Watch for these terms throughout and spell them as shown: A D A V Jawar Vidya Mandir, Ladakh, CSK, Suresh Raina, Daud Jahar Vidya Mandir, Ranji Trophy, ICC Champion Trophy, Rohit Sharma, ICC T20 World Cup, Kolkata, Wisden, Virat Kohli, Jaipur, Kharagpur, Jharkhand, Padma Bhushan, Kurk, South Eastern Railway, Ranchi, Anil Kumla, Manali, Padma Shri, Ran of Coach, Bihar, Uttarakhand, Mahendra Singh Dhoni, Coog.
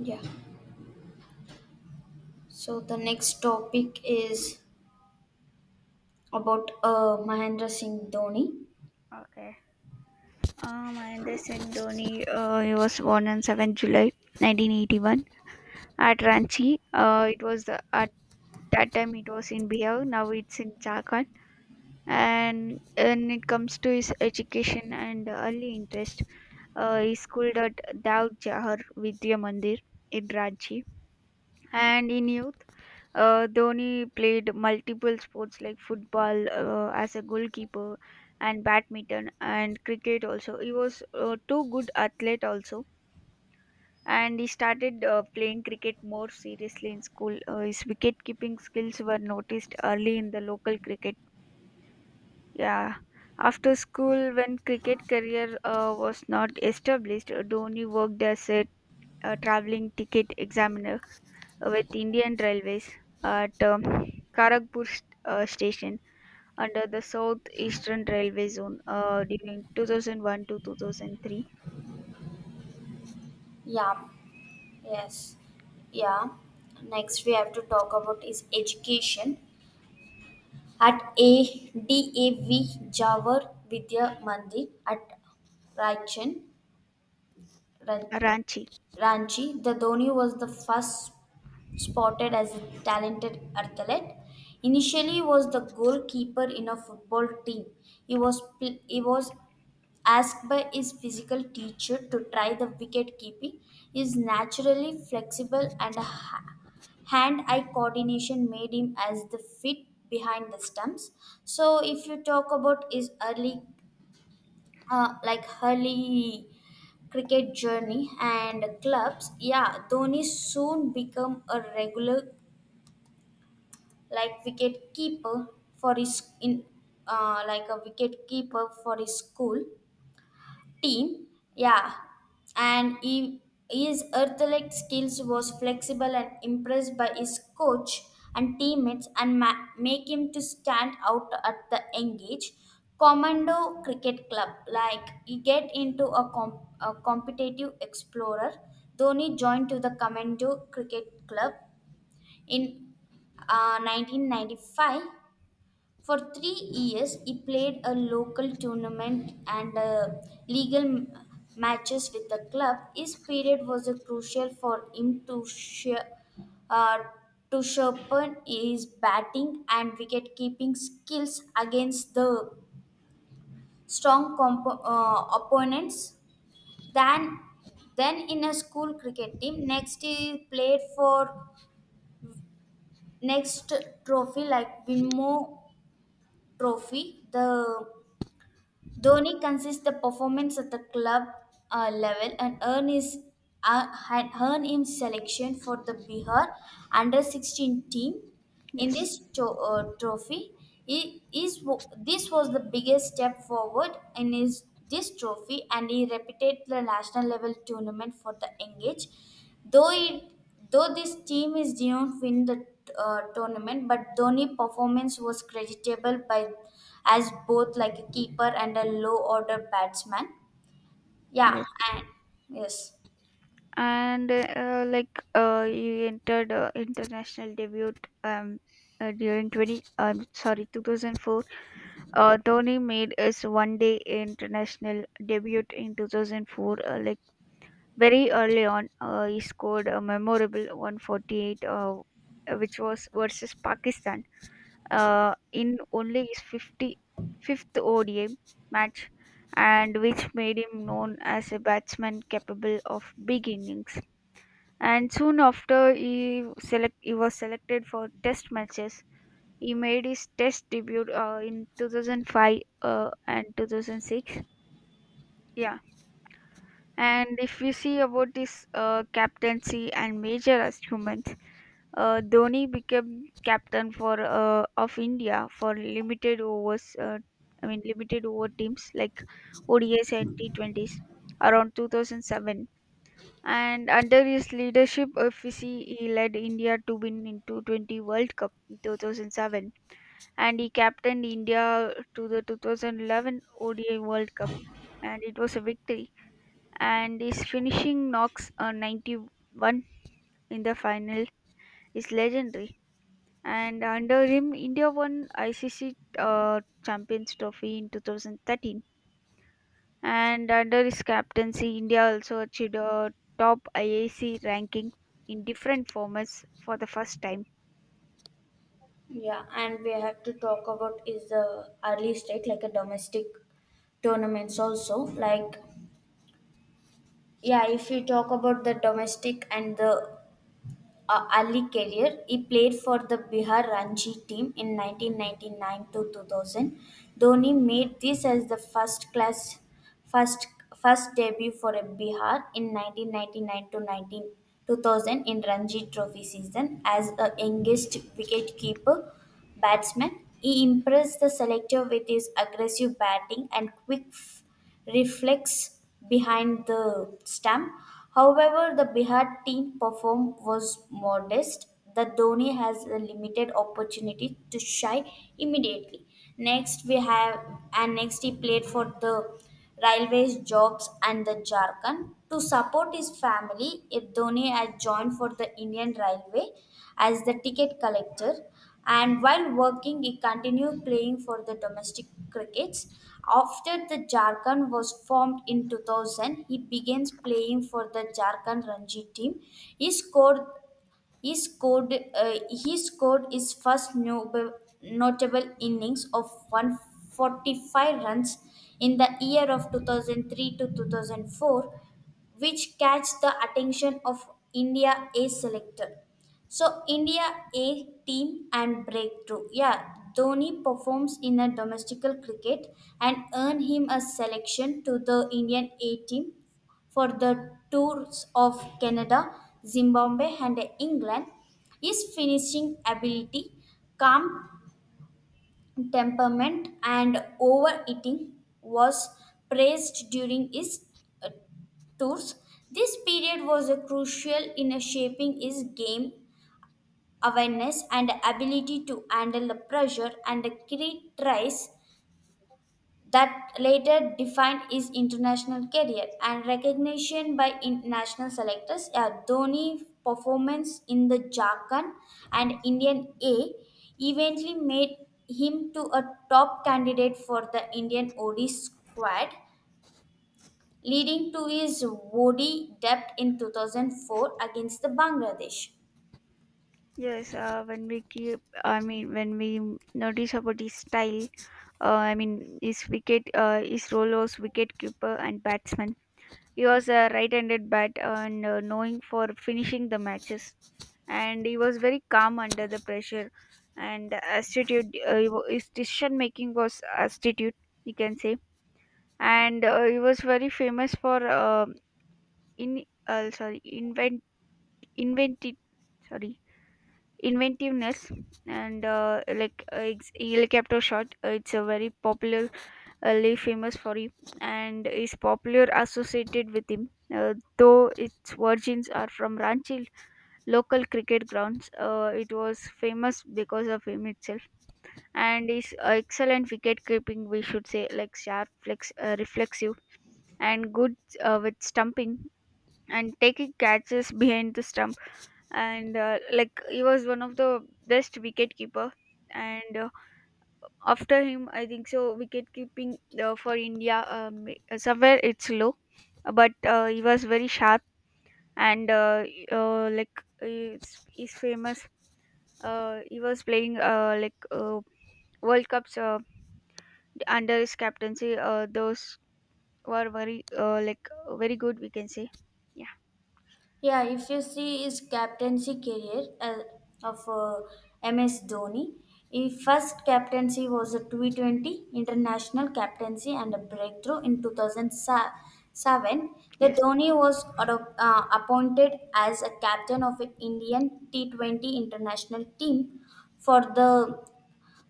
Yeah. So the next topic is about Mahendra Singh Dhoni. Okay. Mahendra Singh Dhoni, he was born on 7th July 1981 at Ranchi. At that time it was in Bihar, now it's in Jharkhand. And when it comes to his education and early interest, he schooled at Daud Jahar Vidya Mandir in Ranchi. And in youth, Dhoni played multiple sports like football, as a goalkeeper, and badminton and cricket also. He was, too good athlete also, and he started, playing cricket more seriously in school. His wicket keeping skills were noticed early in the local cricket. Yeah. After school, when cricket career was not established, Dhoni worked as a traveling ticket examiner with Indian Railways at Kharagpur station under the South Eastern Railway zone, during 2001 to 2003. Yeah. Yes. Yeah. Next we have to talk about is education at ADAV Jawar Vidya Mandir at Raichan, Ran- Ranchi. Ranchi. The Dhoni was the first spotted as a talented athlete. Initially, was the goalkeeper in a football team. He was asked by his physical teacher to try the wicket keeping, his naturally flexible and hand eye coordination made him as the fit behind the stumps. So, if you talk about his early, like early cricket journey and clubs, yeah, Dhoni soon became a regular like wicket keeper for his in like a wicket keeper for his school team, yeah, and he, his earthlight skills was flexible and impressed by his coach and teammates and make him to stand out at the engage commando cricket club like he get into a competitive explorer. Dhoni joined to the commando cricket club in 1995. For 3 years, he played a local tournament and legal matches with the club. His period was crucial for him uh, to sharpen his batting and wicket keeping skills against the strong opponents. Then, then in a school cricket team. Next, he played for next trophy like Winmo Trophy. The Dhoni consists the performance at the club level and had earned him selection for the Bihar under 16 team. In Yes. this trophy, he, is, this was the biggest step forward in his this trophy and he repeated the national level tournament for the engage. Though it though this team is didn't win the tournament, but Dhoni's performance was creditable by as both like a keeper and a low order batsman. Yeah, Yes. and yes, And you entered international debut um, during 20 um, sorry 2004, Dhoni made his one day international debut in 2004, very early on, he scored a memorable 148, which was versus Pakistan, in only his 55th ODI match, and which made him known as a batsman capable of big innings. And soon after, he was selected for Test matches. He made his Test debut in 2005 and 2006. Yeah. And if we see about this captaincy and major achievements, Dhoni became captain, for of India for limited overs. I mean, limited over teams like ODIs and T20s around 2007. And under his leadership, if we see, he led India to win in 220 World Cup in 2007, and he captained India to the 2011 ODI World Cup, and it was a victory, and his finishing knocks on 91 in the final is legendary. And under him, India won ICC, Champions Trophy in 2013. And under his captaincy, India also achieved a top IAC ranking in different formats for the first time. yeah, and we have to talk about is the early state like a domestic tournaments also like, yeah, if you talk about the domestic and the Ali career, he played for the Bihar Ranji team in 1999 to 2000. Dhoni made this as the first class first first debut for a Bihar in 1999 to 19 2000 in Ranji Trophy season as the youngest wicketkeeper batsman. He impressed the selector with his aggressive batting and quick reflex behind the stump. However, the Bihar team perform was modest. The Dhoni has a limited opportunity to shine immediately. Next, we have and next he played for the railways jobs and the Jharkhand. To support his family, Dhoni had joined for the Indian Railway as the ticket collector and while working he continued playing for the domestic crickets. After the Jharkhand was formed in 2000, he began playing for the Jharkhand Ranji team. He scored he scored his first notable innings of 145 runs in the year of 2003 to 2004, which catch the attention of India A selector. So India A team and breakthrough. Yeah, Dhoni performs in a domestic cricket and earn him a selection to the Indian A team for the tours of Canada, Zimbabwe, and England. His finishing ability, calm temperament, and overeating was praised during his uh, tours. This period was a crucial in a shaping his game awareness and ability to handle the pressure and the criticize that later defined his international career and recognition by national selectors. A Dhoni performance in the Jharkhand and Indian A eventually made him to a top candidate for the Indian OD squad, leading to his OD debut in 2004 against the Bangladesh. Yes, I mean, when we notice about his style, I mean, his role was wicket keeper and batsman. He was a right-handed bat and, knowing for finishing the matches. And he was very calm under the pressure and astute. His decision making was astute, you can say. And he was very famous for in sorry invent invented sorry inventiveness, and it's helicopter shot. It's a very popular Ali famous for him and is popular associated with him. Though its origins are from Ranchi local cricket grounds, it was famous because of him itself, and his excellent wicket keeping, we should say, like sharp, reflexive, and good with stumping and taking catches behind the stump, and he was one of the best wicket keeper, and after him I think so wicket keeping for India, somewhere it's low, but he was very sharp, and he's famous, he was playing, world cups under his captaincy, those were very, very good, we can say. Yeah. Yeah, if you see his captaincy career of MS Dhoni, his first captaincy was a T20 international captaincy and a breakthrough in 2007. The Yes. Dhoni was appointed as a captain of an Indian T20 international team for the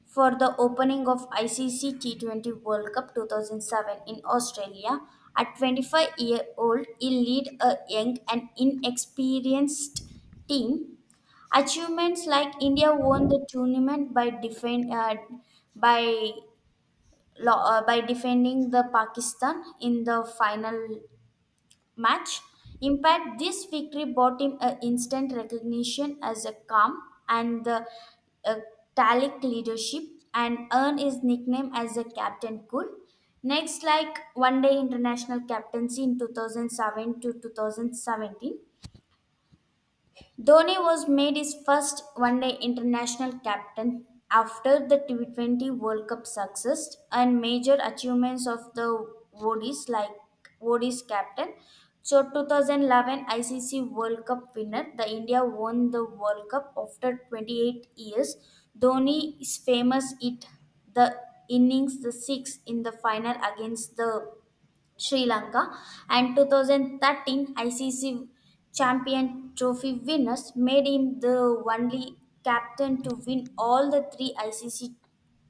for the opening of ICC T20 World Cup 2007 in Australia. At 25-year-old, he lead a young and inexperienced team. Achievements like India won the tournament by by defending the Pakistan in the final match. Impact this victory brought him a instant recognition as a calm and the uh, Talic leadership and earned his nickname as a Captain Cool. Next, like one day international captaincy in 2007 to 2017, Dhoni was made his first one-day international captain after the T20 World Cup success and major achievements of the ODIs like ODIs captain. So 2011 ICC World Cup winner, the India won the World Cup after 28 years. Dhoni is famous it the innings the six in the final against the Sri Lanka and 2013 ICC Champion Trophy winners made him the only captain to win all the three ICC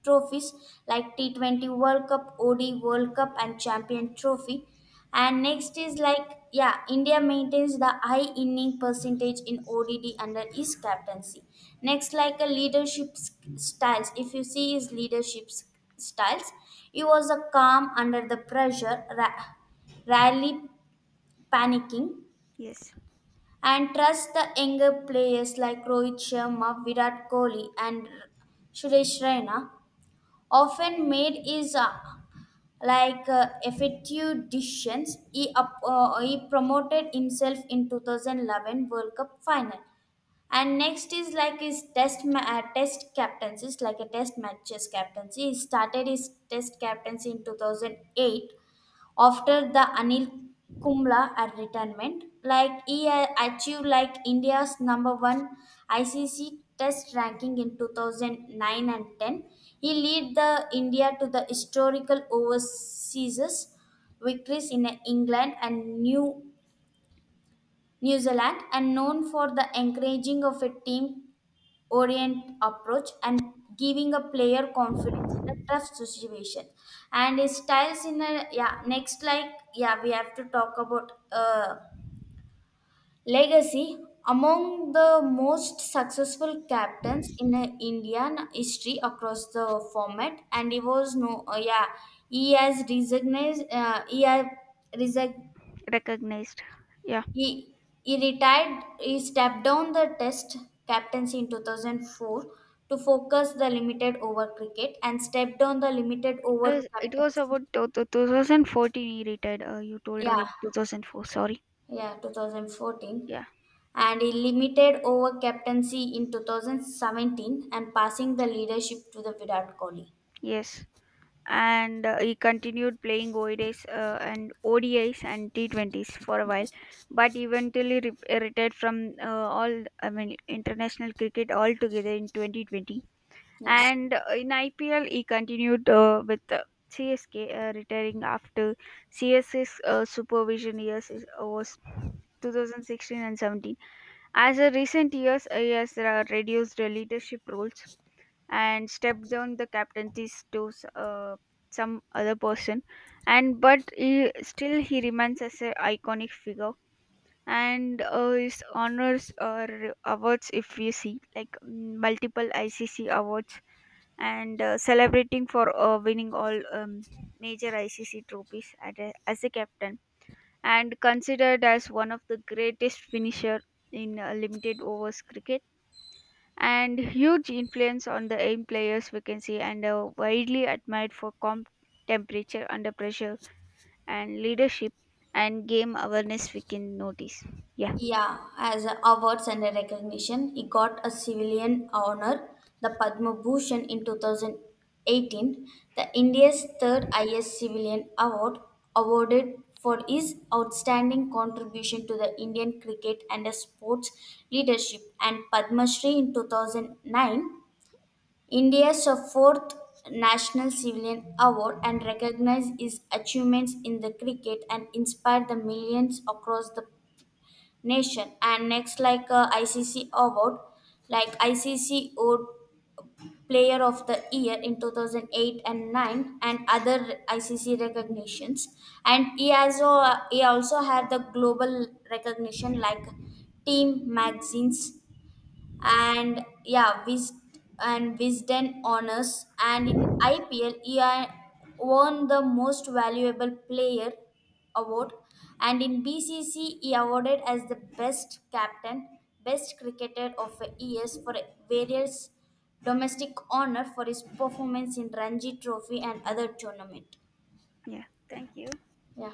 trophies like T20 World Cup, OD World Cup, and Champion Trophy. And next is like, yeah, India maintains the high inning percentage in ODD under his captaincy. Next, like a leadership styles, if you see his leadership styles, he was a calm under the pressure, rarely panicking, Yes. and trust the younger players like Rohit Sharma, Virat Kohli, and Suresh Raina often made is like effective decisions. He promoted himself in 2011 World Cup final. And next is like his test captaincies, like a test matches captaincy. He started his test captaincy in 2008 after the Anil Kumla at retirement. Like he achieved like India's number one ICC Test ranking in 2009 and 10. He led the India to the historical overseas victories in England and New Zealand, and known for the encouraging of a team orient approach and giving a player confidence in a tough situation and his styles in a, yeah, next like, yeah, we have to talk about legacy among the most successful captains in Indian history across the format and he was no, yeah, he has recognized. He has, Recognized. Yeah. he he retired. He stepped down the Test captaincy in 2004 to focus the limited over cricket and stepped down the limited over Yes, it was captaincy. about 2014 he retired, you told Yeah, about 2004, sorry. yeah, 2014. Yeah. And he limited over captaincy in 2017 and passing the leadership to the Virat Kohli. Yes. And he continued playing ODIs and T20s for a while, Yes. but eventually retired from, all I mean, international cricket altogether in 2020. Yes. And in IPL, he continued with CSK, retiring after CS's supervision years was 2016 and 17. As of recent years, he has reduced the leadership roles and stepped down the captaincy to some other person, and but he, still he remains as an iconic figure. And his honors or awards, if you see, like, multiple ICC awards, and celebrating for winning all, major ICC trophies as a captain, and considered as one of the greatest finisher in limited overs cricket, and huge influence on the aim players we can see, and are widely admired for comp temperature under pressure, and leadership, and game awareness, we can notice. Yeah. Yeah, as awards and recognition, he got a civilian honor, the Padma Bhushan in 2018, the India's third highest civilian award awarded for his outstanding contribution to the Indian cricket and the sports leadership and Padma Shri in 2009, India's fourth National Civilian Award and recognized his achievements in the cricket and inspired the millions across the nation and next like ICC award like ICC award player of the year in 2008 and 9 and other ICC recognitions and he also had the global recognition like team magazines and, yeah, Wis- and Wisden honors. And in IPL, he won the Most Valuable Player award, and in BCC, he awarded as the Best Captain, Best Cricketer of the years for various domestic honor for his performance in Ranji Trophy and other tournament. Yeah. Thank you. Yeah.